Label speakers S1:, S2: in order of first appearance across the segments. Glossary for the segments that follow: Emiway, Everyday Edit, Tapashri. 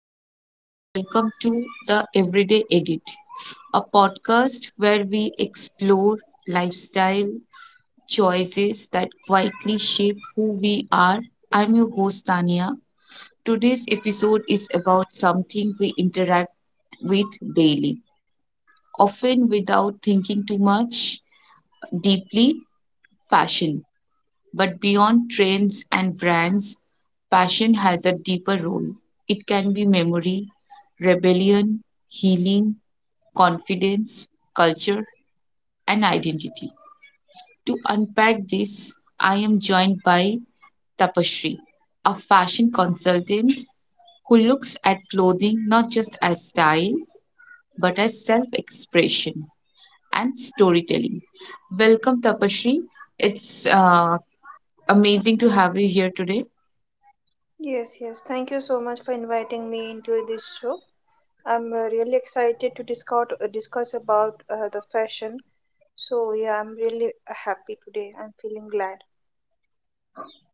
S1: everyone, and welcome to the Everyday Edit, a podcast where we explore lifestyle choices that quietly shape who we are. I'm your host, Tania. Today's episode is about something we interact with daily, often without thinking too much deeply fashion. But beyond trends and brands, passion has a deeper role. It can be memory, rebellion, healing, confidence, culture, and identity. To unpack this, I am joined by Tapashri, a fashion consultant who looks at clothing not just as style but as self expression and storytelling. Welcome, Tapashri. It's amazing to have you here today.
S2: Yes, yes. Thank you so much for inviting me into this show. I'm really excited to discuss about the fashion. So yeah, I'm really happy today. I'm feeling glad.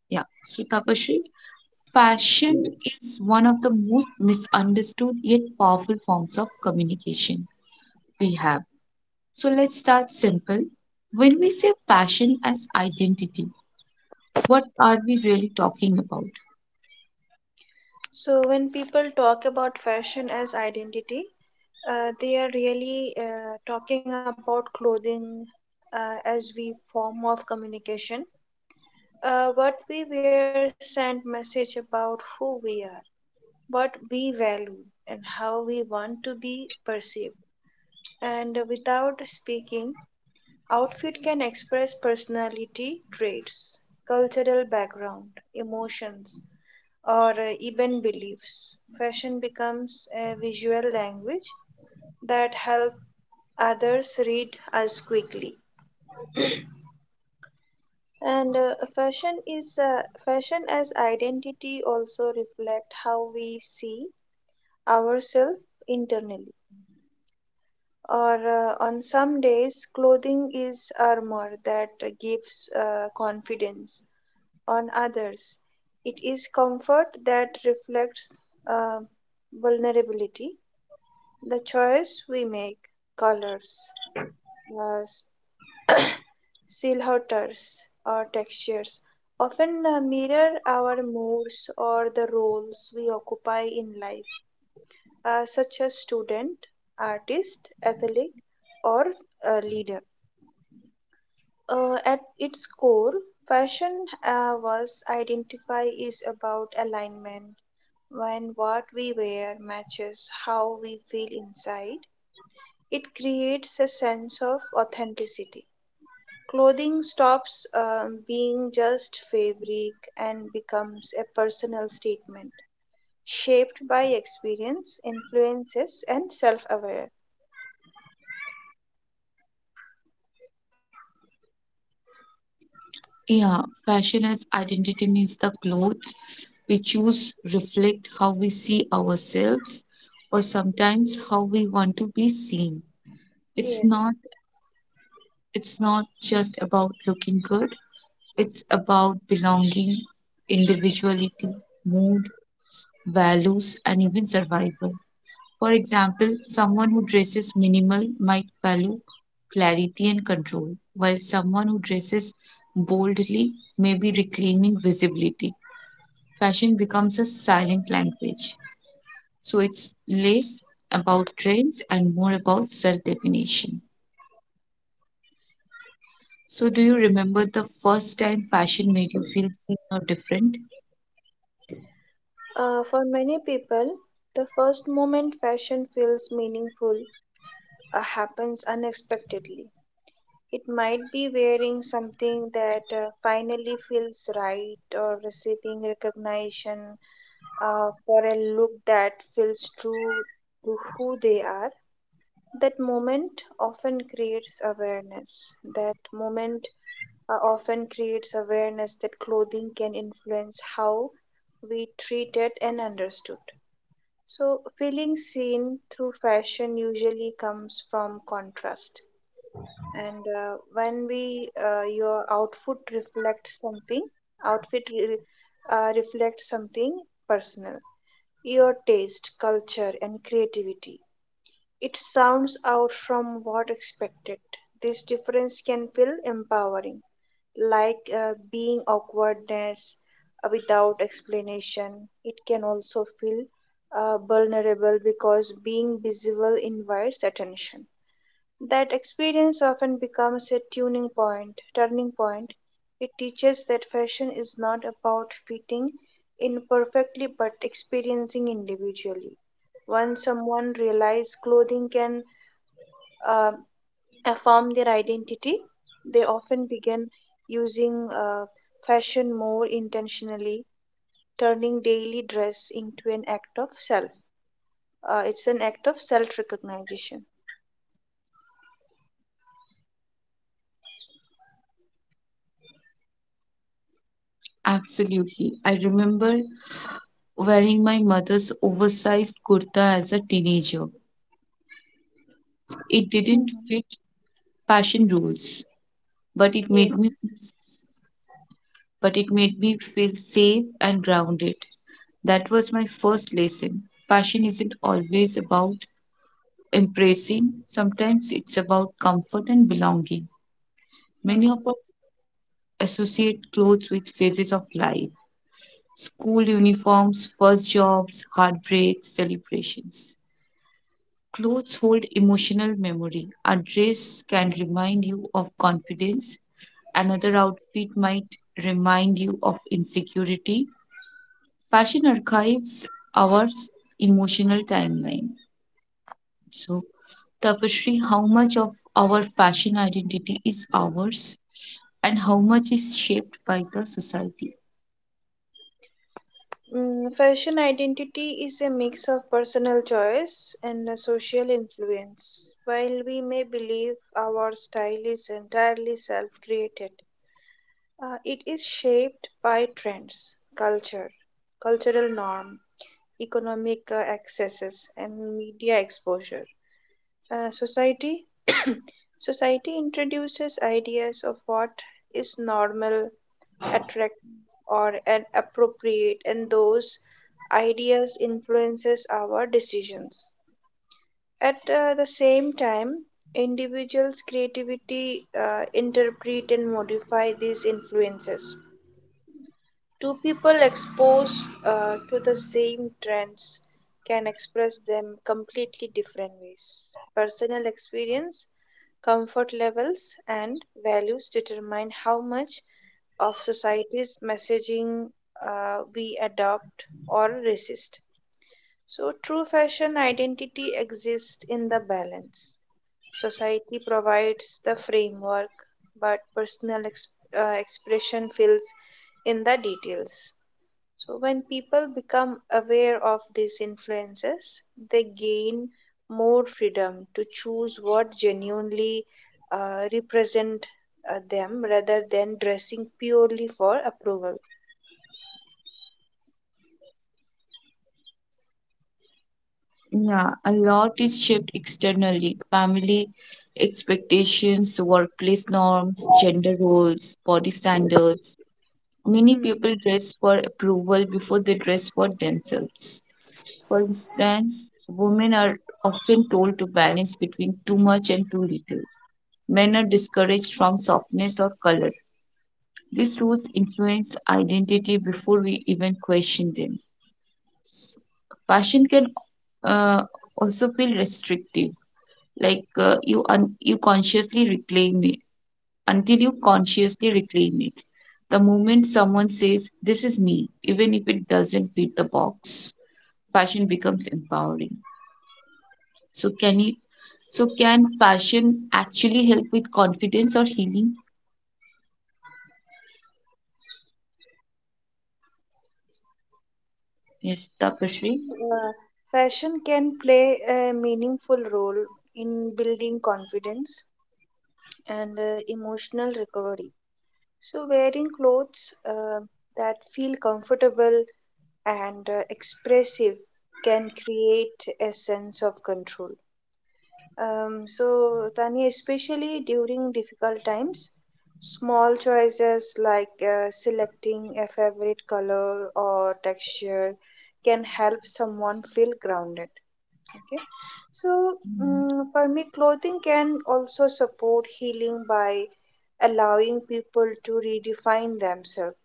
S1: Yeah. So, Tapashri, fashion is one of the most misunderstood yet powerful forms of communication we have. So, let's start simple. When we say fashion as identity, what are we really talking about?
S2: So when people talk about fashion as identity, they are really talking about clothing as we form of communication. What we wear send message about who we are, what we value, and how we want to be perceived. And without speaking, outfit can express personality traits, cultural background, emotions, or even beliefs. Fashion becomes a visual language that helps others read us quickly. And fashion as identity also reflect how we see ourselves internally. Or on some days clothing is armor that gives confidence, on others it is comfort that reflects uh, vulnerability. The choice we make, colors, uh, silhouettes or textures, often mirror our moods or the roles we occupy in life, such as student, artist, athlete, or leader. At its core, fashion was identify is about alignment. When what we wear matches how we feel inside, it creates a sense of authenticity. Clothing stops being just fabric and becomes a personal statement, shaped by experience, influences, and self aware.
S1: Yeah, fashion as identity means the clothes we choose reflect how we see ourselves or sometimes how we want to be seen. It's
S2: Yes.
S1: not it's not just about looking good. It's about belonging, individuality, mood, values, and even survival. For example, someone who dresses minimal might value clarity and control, while someone who dresses boldly may be reclaiming visibility. Fashion becomes a silent language. So it's less about trends and more about self definition. So, do you remember the first time fashion made you feel free or different?
S2: For many people, the first moment fashion feels meaningful happens unexpectedly. It might be wearing something that finally feels right, or receiving recognition for a look that feels true to who they are. That moment often creates awareness that clothing can influence how we treat it and understood. So, feeling seen through fashion usually comes from contrast, and when we your outfit reflects something, outfit re- reflects something personal, your taste, culture and creativity. It sounds out from what expected. This difference can feel empowering, like being awkwardness without explanation. It can also feel vulnerable because being visible invites attention. That experience often becomes a turning point. It teaches that fashion is not about fitting in perfectly but experiencing individually. Once someone realizes clothing can uh, affirm their identity, they often begin using fashion more intentionally, turning daily dress into an act of self. It's an act of self recognition.
S1: Absolutely. I remember wearing my mother's oversized kurta as a teenager. It didn't
S2: Mhm.
S1: fit fashion rules, but it made me
S2: Yes.
S1: but it made me feel safe and grounded. That was my first lesson. Fashion isn't always about impressing; sometimes it's about comfort and belonging. Many
S2: Hmm.
S1: of us associate clothes with phases of life: school uniforms, first jobs, heartbreaks, celebrations. Clothes hold emotional memory. A dress can remind you of confidence. Another outfit might remind you of insecurity. Fashion archives our emotional timeline. So, Tapashri, how much of our fashion identity is ours and how much is shaped by the society?
S2: Fashion identity is a mix of personal choice and a social influence. While we may believe our style is entirely self created, it is shaped by trends, culture, cultural norm, economic accesses, and media exposure. Uh, society Society introduces ideas of what is normal, attractive or an appropriate, and those ideas influences our decisions. At the same time, individuals creativity interpret and modify these influences. Two people exposed to the same trends can express them completely different ways. Personal experience, comfort levels and values determine how much of society's messaging we adopt or resist. So, true fashion identity exists in the balance. Society provides the framework, but expression fills in the details. So, when people become aware of these influences, they gain more freedom to choose what genuinely represent them rather than dressing purely for approval.
S1: Yeah, a lot is shaped externally. Family expectations, workplace norms, gender roles, body standards. Many
S2: Hmm.
S1: people dress for approval before they dress for themselves. For instance, women are often told to balance between too much and too little. Men are discouraged from softness or color. These rules influence identity before we even question them. Fashion can uh, also feel restrictive, like you un- you consciously reclaim it until you consciously reclaim it the moment someone says this is me, even if it doesn't fit the box, fashion becomes empowering. So can you so can fashion actually help with confidence or healing? Yes, Tapashri.
S2: So, uh, fashion can play a meaningful role in building confidence and emotional recovery. So, wearing clothes that feel comfortable and expressive can create a sense of control. So, Tanya, especially during difficult times, small choices like selecting a favorite color or texture can help someone feel grounded. Okay, so for me, clothing can also support healing by allowing people to redefine themselves,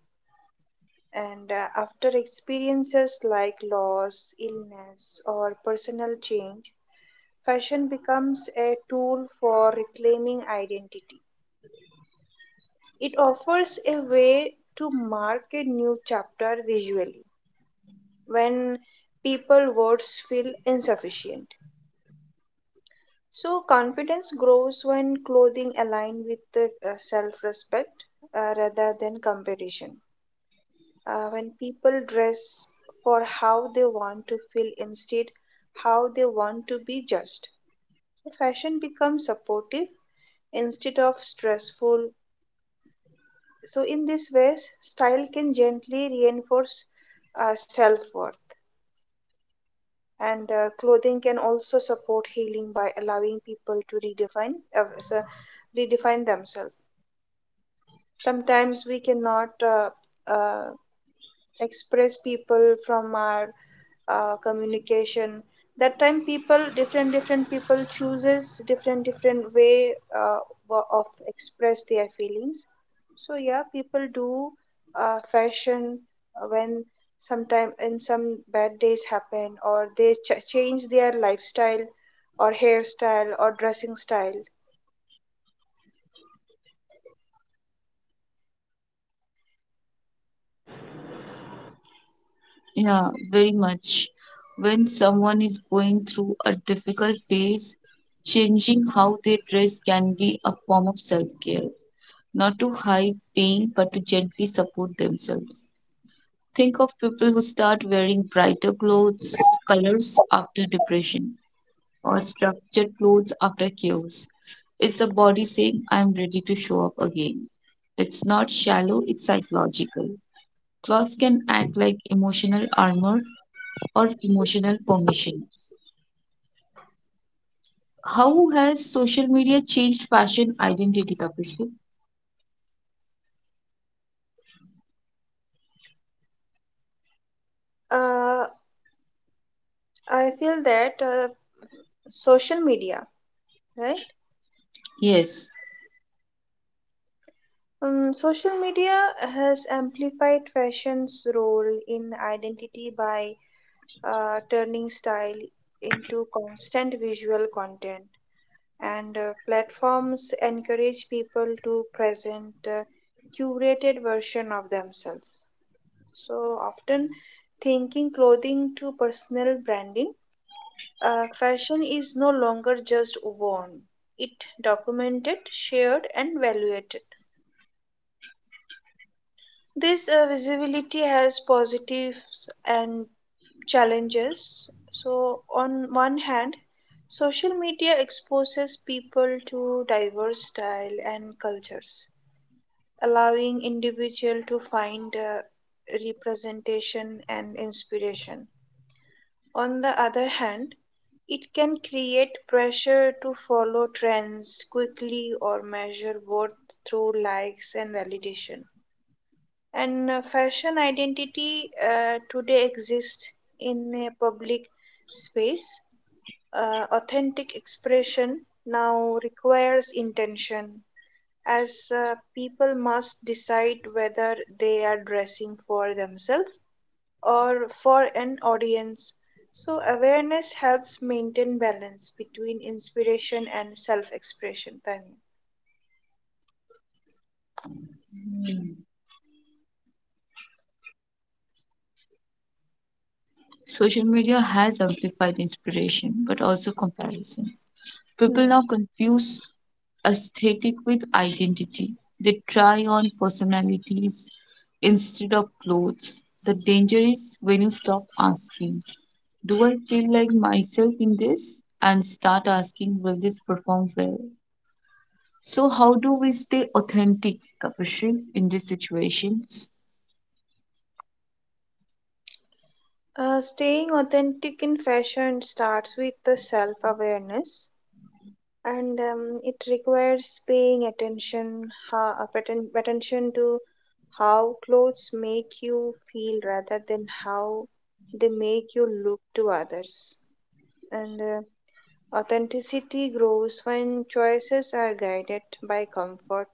S2: and after experiences like loss, illness, or personal change, fashion becomes a tool for reclaiming identity. It offers a way to mark a new chapter visually when people words feel insufficient. So confidence grows when clothing align with the self respect rather than competition. When people dress for how they want to feel instead how they want to be judged, so fashion becomes supportive instead of stressful. So in this way, style can gently reinforce self-worth. And clothing can also support healing by allowing people to redefine themselves. Sometimes we cannot uh, express people from our communication. That time people, different different people chooses different different way, of express their feelings. So yeah, people do fashion when sometime and some bad days happen, or they change their lifestyle or hairstyle or dressing style.
S1: Yeah, very much. When someone is going through a difficult phase, changing how they dress can be a form of self care, not to hide pain but to gently support themselves. Think of people who start wearing brighter clothes, colors after depression, or structured clothes after chaos. It's the body saying, I'm ready to show up again. It's not shallow, it's psychological. Clothes can act like emotional armor or emotional permission. How has social media changed fashion identity, Tapasya?
S2: uh, I feel that social media, right.
S1: Yes.
S2: Social media has amplified fashion's role in identity by turning style into constant visual content, and platforms encourage people to present curated version of themselves. So often, thinking clothing to personal branding, fashion is no longer just worn; it documented, shared, and valued. This visibility has positives and challenges. So, on one hand, social media exposes people to diverse style and cultures, allowing individual to find representation and inspiration. On the other hand, it can create pressure to follow trends quickly or measure worth through likes and validation. And fashion identity today exists in a public space. Authentic expression now requires intention, as people must decide whether they are dressing for themselves or for an audience. So, awareness helps maintain balance between inspiration and self expression. Tanya.
S1: Social media has amplified inspiration but also comparison. People now
S2: Hmm.
S1: confuse aesthetic with identity. They try on personalities instead of clothes. The danger is when you stop asking, do I feel like myself in this? And start asking, will this perform well? So, how do we stay authentic, Kapishil, in these situations?
S2: Staying authentic in fashion starts with the self awareness. And it requires paying attention how, attention to how clothes make you feel rather than how they make you look to others. And authenticity grows when choices are guided by comfort,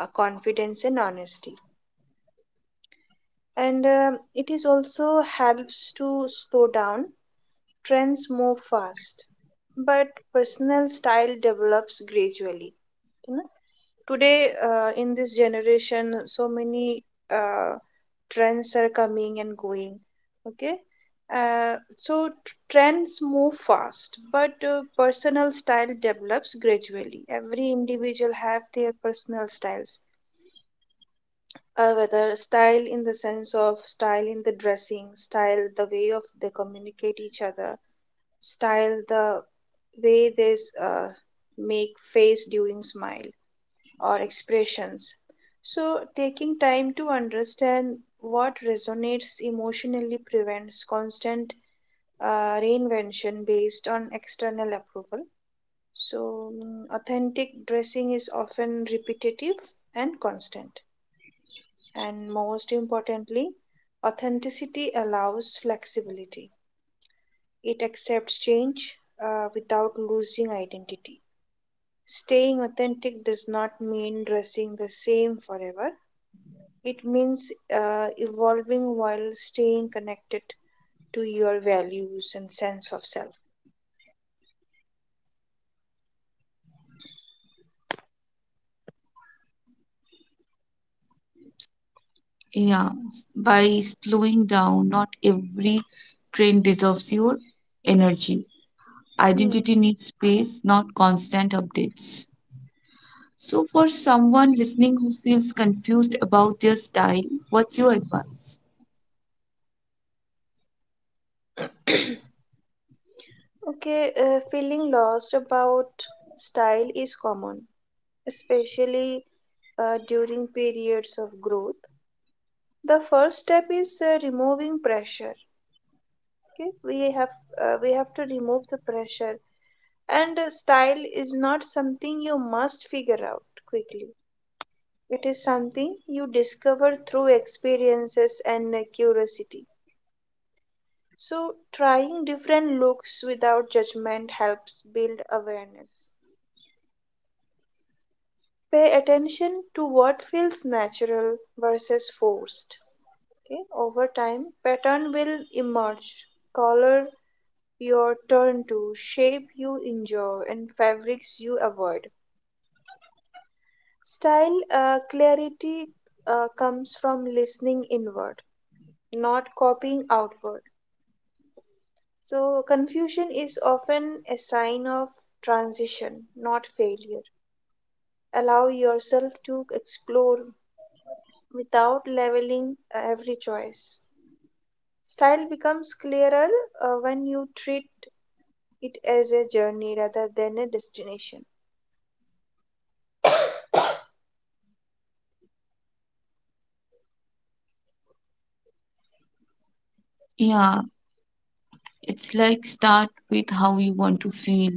S2: confidence and honesty. And it is also helps to slow down. Trends move fast, but personal style develops gradually. Today, in this generation, so many uh, trends are coming and going. Okay, trends move fast, but personal style develops gradually. Every individual have their personal styles. Whether style in the sense of style in the dressing, style the way of they communicate each other, style the way they s- uh, make face during smile or expressions. So, taking time to understand what resonates emotionally prevents constant reinvention based on external approval. So, authentic dressing is often repetitive and constant. And most importantly, authenticity allows flexibility, it accepts change without losing identity. Staying authentic does not mean dressing the same forever. It means evolving while staying connected to your values and sense of self.
S1: Yeah, by slowing down, not every train deserves your energy.
S2: Hmm.
S1: Identity needs space, not constant updates. So, for someone listening who feels confused about their style, what's your advice?
S2: Okay, feeling lost about style is common, especially during periods of growth. The first step is removing pressure. Okay, we have to remove the pressure, and style is not something you must figure out quickly. It is something you discover through experiences and curiosity. So, trying different looks without judgment helps build awareness. Pay attention to what feels natural versus forced. Okay? Over time, pattern will emerge. Color, your turn to, shape you enjoy, and fabrics you avoid. Style clarity comes from listening inward, not copying outward. So, confusion is often a sign of transition, not failure. Allow yourself to explore without leveling every choice. Style becomes clearer when you treat it as a journey rather than a destination.
S1: Yeah, it's like start with how you want to feel,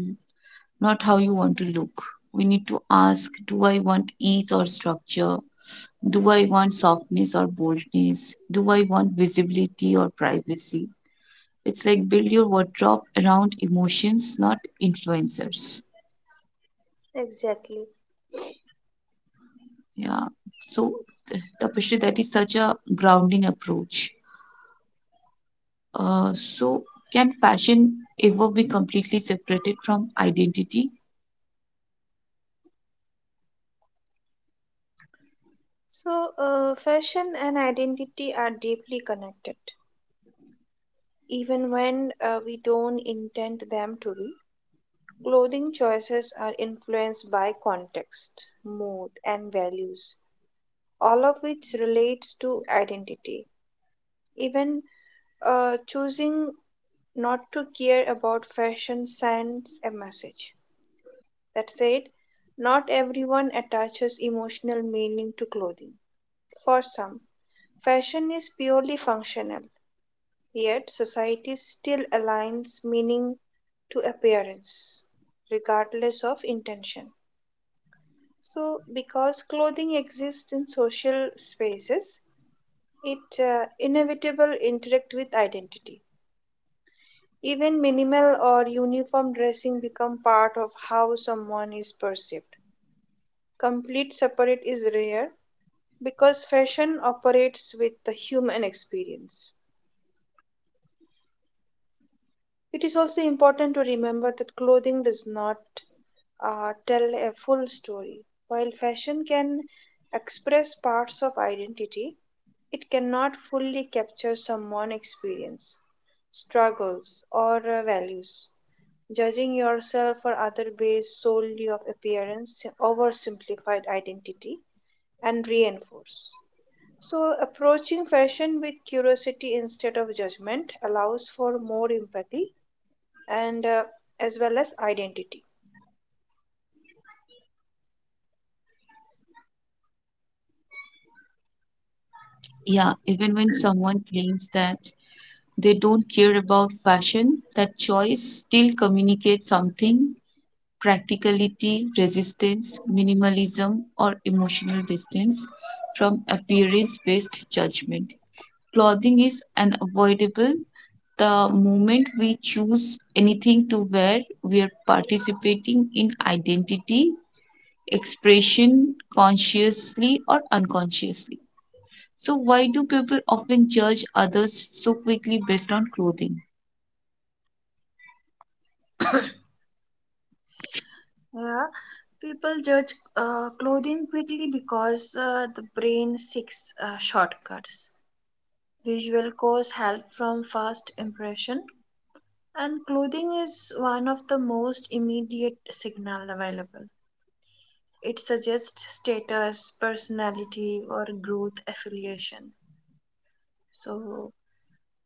S1: not how you want to look. We need to ask, do I want ease or structure? Do I want softness or boldness? Do I want visibility or privacy? It's like build your wardrobe around emotions, not influencers.
S2: Exactly.
S1: Yeah. So, Tapashri, that is such a grounding approach. So, can fashion ever be completely separated from identity?
S2: So, fashion and identity are deeply connected. Even when we don't intend them to be, clothing choices are influenced by context, mood, and values, all of which relates to identity. Even choosing not to care about fashion sends a message. That said, not everyone attaches emotional meaning to clothing. For some, fashion is purely functional. Yet society still aligns meaning to appearance, regardless of intention. So, because clothing exists in social spaces, it inevitable interact with identity. Even minimal or uniform dressing become part of how someone is perceived. Complete separate is rare because fashion operates with the human experience. It is also important to remember that clothing does not tell a full story. While fashion can express parts of identity, it cannot fully capture someone's experience, struggles, or values. Judging yourself or other based solely of appearance oversimplified identity and reinforce. So approaching fashion with curiosity instead of judgment allows for more empathy and as well as identity.
S1: Yeah, even when someone claims that they don't care about fashion, that choice still communicates something: practicality, resistance, minimalism, or emotional distance from appearance based judgment. Clothing is unavoidable. The moment we choose anything to wear, we are participating in identity, expression, consciously or unconsciously. So, why do people often judge others so quickly based on clothing?
S2: Yeah, people judge clothing quickly because the brain seeks shortcuts. Visual cause help from first impression, and clothing is one of the most immediate signal available. It suggests status, personality, or growth affiliation. So,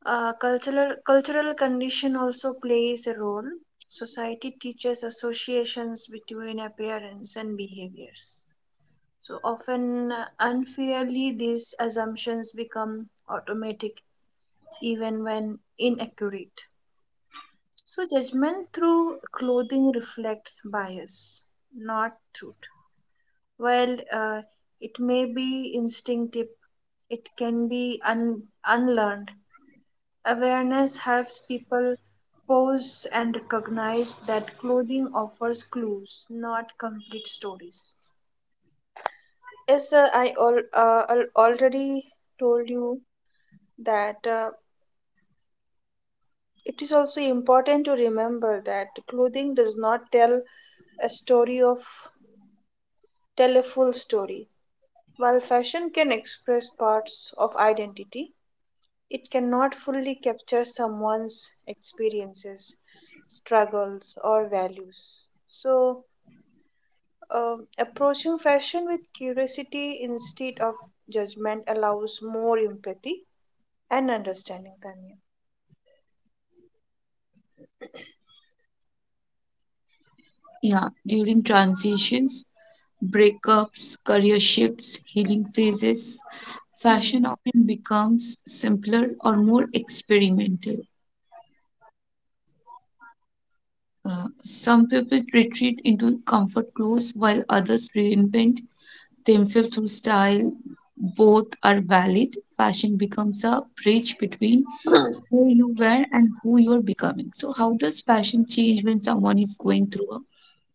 S2: cultural condition also plays a role. Society teaches associations between appearance and behaviors. So often, unfairly, these assumptions become automatic even when inaccurate. So, judgment through clothing reflects bias, not truth. While it may be instinctive, it can be unlearned. Awareness helps people pause and recognize that clothing offers clues, not complete stories. Yes, I already told you that it is also important to remember that clothing does not a story of tell a full story. While fashion can express parts of identity, it cannot fully capture someone's experiences, struggles, or values. So, approaching fashion with curiosity instead of judgment allows more empathy and understanding, Tanya.
S1: Yeah, during transitions, breakups, career shifts, healing phases, fashion
S2: Hmm.
S1: often becomes simpler or more experimental. Some people retreat into comfort clothes while others reinvent themselves through style. Both are valid. Fashion becomes a bridge between who you were and who you are becoming. So, how does fashion change when someone is going through a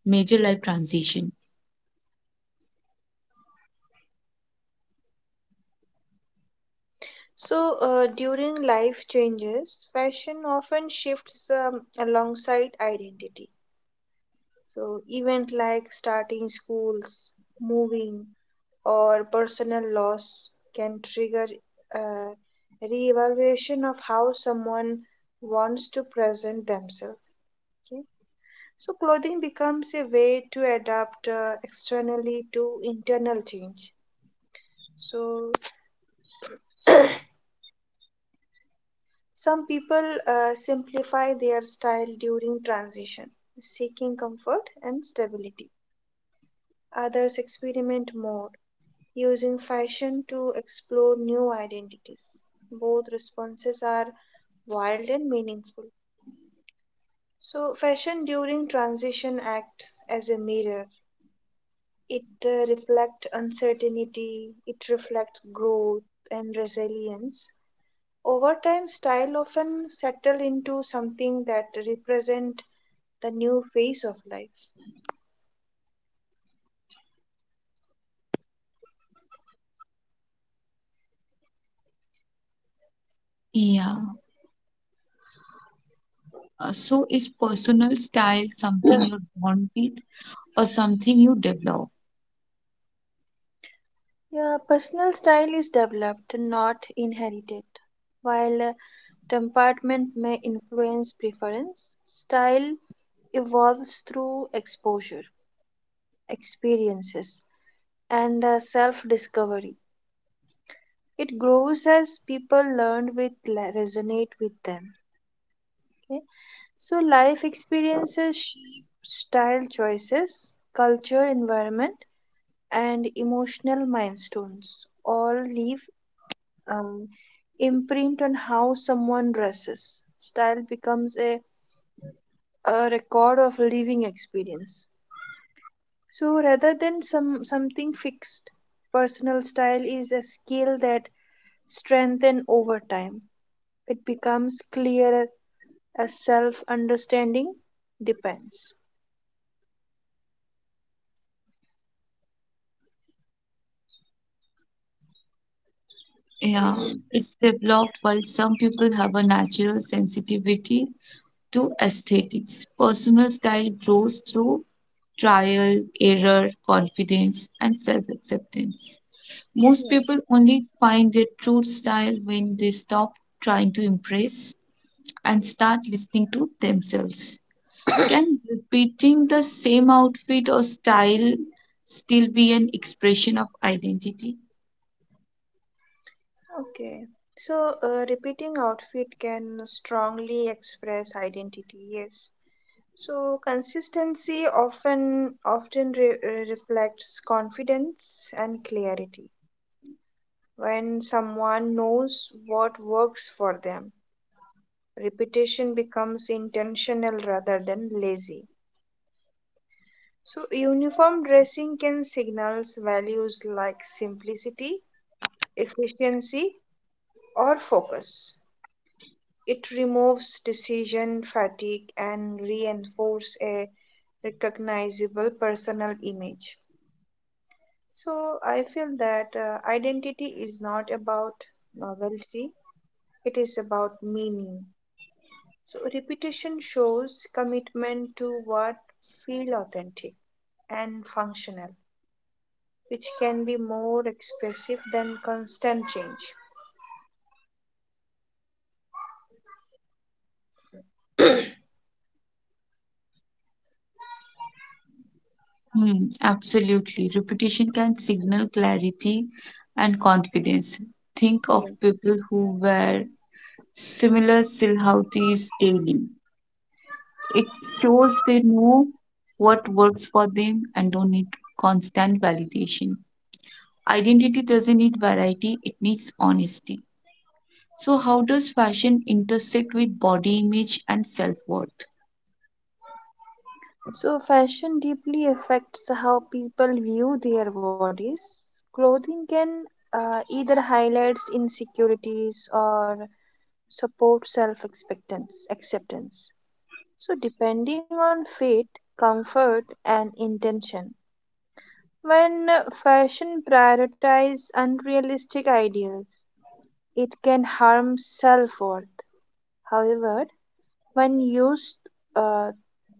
S1: major life transition?
S2: So, during life changes, fashion often shifts alongside identity. So, event like starting schools, moving, or personal loss can trigger uh, reevaluation of how someone wants to present themselves. Okay? So, clothing becomes a way to adapt externally to internal change. So, some people simplify their style during transition, seeking comfort and stability. Others experiment more, using fashion to explore new identities. Both responses are wild and meaningful. So, fashion during transition acts as a mirror. It reflects uncertainty, it reflects growth and resilience. Over time, style often settle into something that represent the new phase of life.
S1: Yeah. So, is personal style something you're born with or something you develop?
S2: Yeah, personal style is developed, not inherited. While temperament may influence preference, style evolves through exposure, experiences, and self discovery. It grows as people learn with resonate with them. Okay? So life experiences shape style choices, culture, environment, and emotional milestones all leave um, imprint on how someone dresses. Style becomes a record of living experience. So rather than something fixed, personal style is a skill that strengthens over time. It becomes clearer as self understanding depends.
S1: Yeah. It's developed. While some people have a natural sensitivity to aesthetics, personal style grows through trial, error, confidence, and self acceptance. Most
S2: Yes.
S1: people only find their true style when they stop trying to impress and start listening to themselves. Can repeating the same outfit or style still be an expression of identity?
S2: Okay, so repeating outfit can strongly express identity, yes. So consistency often reflects confidence and clarity. When someone knows what works for them, repetition becomes intentional rather than lazy. So uniform dressing can signals values like simplicity, efficiency, or focus. It removes decision fatigue and reinforce a recognizable personal image. So I feel that identity is not about novelty, it is about meaning. So repetition shows commitment to what feel authentic and functional, which can be more expressive than constant change.
S1: Hmm, absolutely. Repetition can signal clarity and confidence. Think of
S2: Yes.
S1: people who wear similar silhouettes daily. It shows they know what works for them and don't need constant validation. Identity doesn't need variety, it needs honesty. So, how does fashion intersect with body image and self worth?
S2: So, fashion deeply affects how people view their bodies. Clothing can either highlights insecurities or support self acceptance. Acceptance. So, depending on fit, comfort, and intention. When fashion prioritizes unrealistic ideals, it can harm self worth. However, when used uh,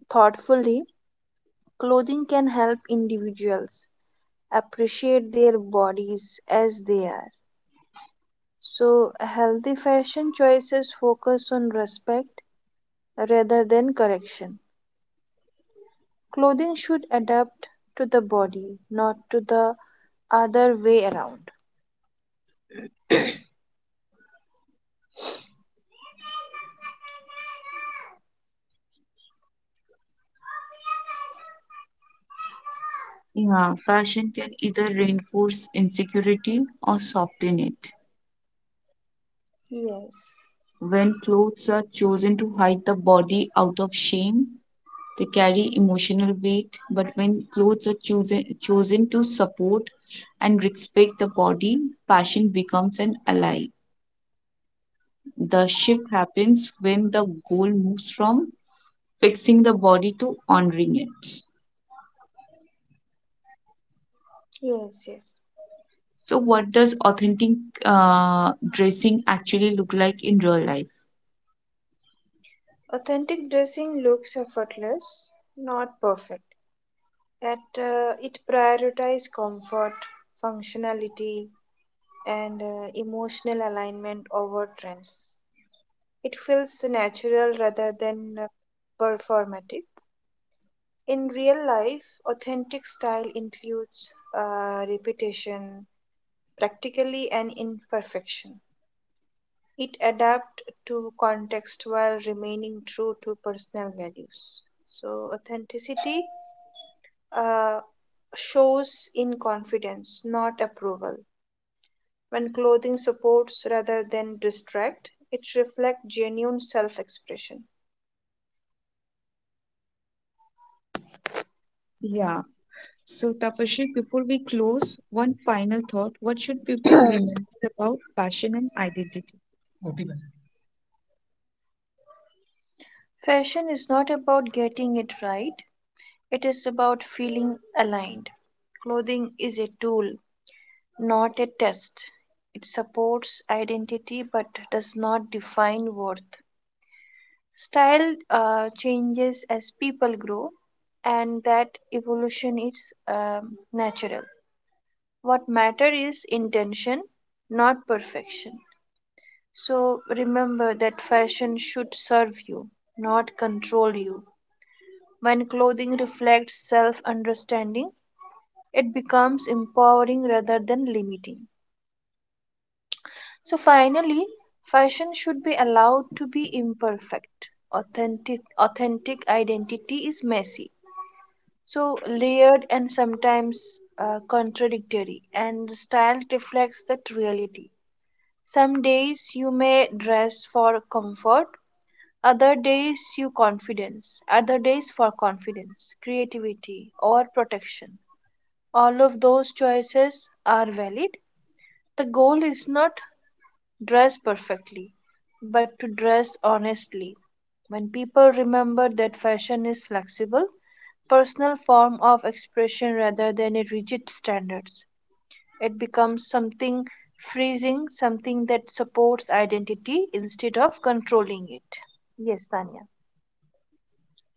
S2: thoughtfully, clothing can help individuals appreciate their bodies as they are. So, healthy fashion choices focus on respect rather than correction. Clothing should adapt to the body, not to the other way around.
S1: Yeah, fashion can either reinforce insecurity or soften it.
S2: Yes,
S1: When clothes are chosen to hide the body out of shame, they carry emotional weight, but when clothes are chosen to support and respect the body, fashion becomes an ally. The shift happens when the goal moves from fixing the body to honoring it.
S2: yes, yes.
S1: So, what does authentic dressing actually look like in real life?
S2: Authentic dressing looks effortless, not perfect. At It prioritizes comfort, functionality, and emotional alignment over trends. It feels natural rather than performative. In real life, authentic style includes repetition, practically, and imperfection. It adapts to context while remaining true to personal values. So, authenticity uh, shows in confidence, not approval. When clothing supports rather than distract, it reflects genuine self expression.
S1: Yeah. So, Tapashri, before we close, one final thought. What should people remember about fashion and identity?
S2: Fashion is not about getting it right, it is about feeling aligned. Clothing is a tool, not a test. It supports identity but does not define worth. Style changes as people grow, and that evolution is natural. What matters is intention, not perfection. So remember that fashion should serve you, not control you. When clothing reflects self understanding, it becomes empowering rather than limiting. So finally, fashion should be allowed to be imperfect. Authentic identity is messy. So layered and sometimes contradictory and style reflects that reality. Some days you may dress for comfort. Other days for confidence, creativity, or protection. All of those choices are valid. The goal is not dress perfectly, but to dress honestly. When people remember that fashion is flexible, personal form of expression rather than a rigid standards, it becomes something freezing, something that supports identity instead of controlling it. Yes, Tanya.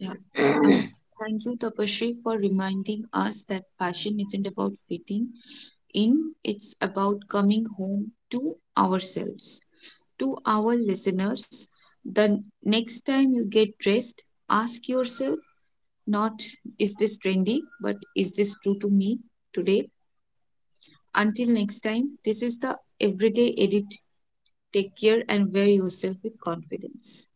S1: Yeah. Um, thank you, Tapasree, for reminding us that fashion isn't about fitting in, it's about coming home to ourselves. To our listeners, the next time you get dressed, ask yourself not, is this trendy, but is this true to me today? Until next time, this is the Everyday Edit. Take care and wear yourself with confidence.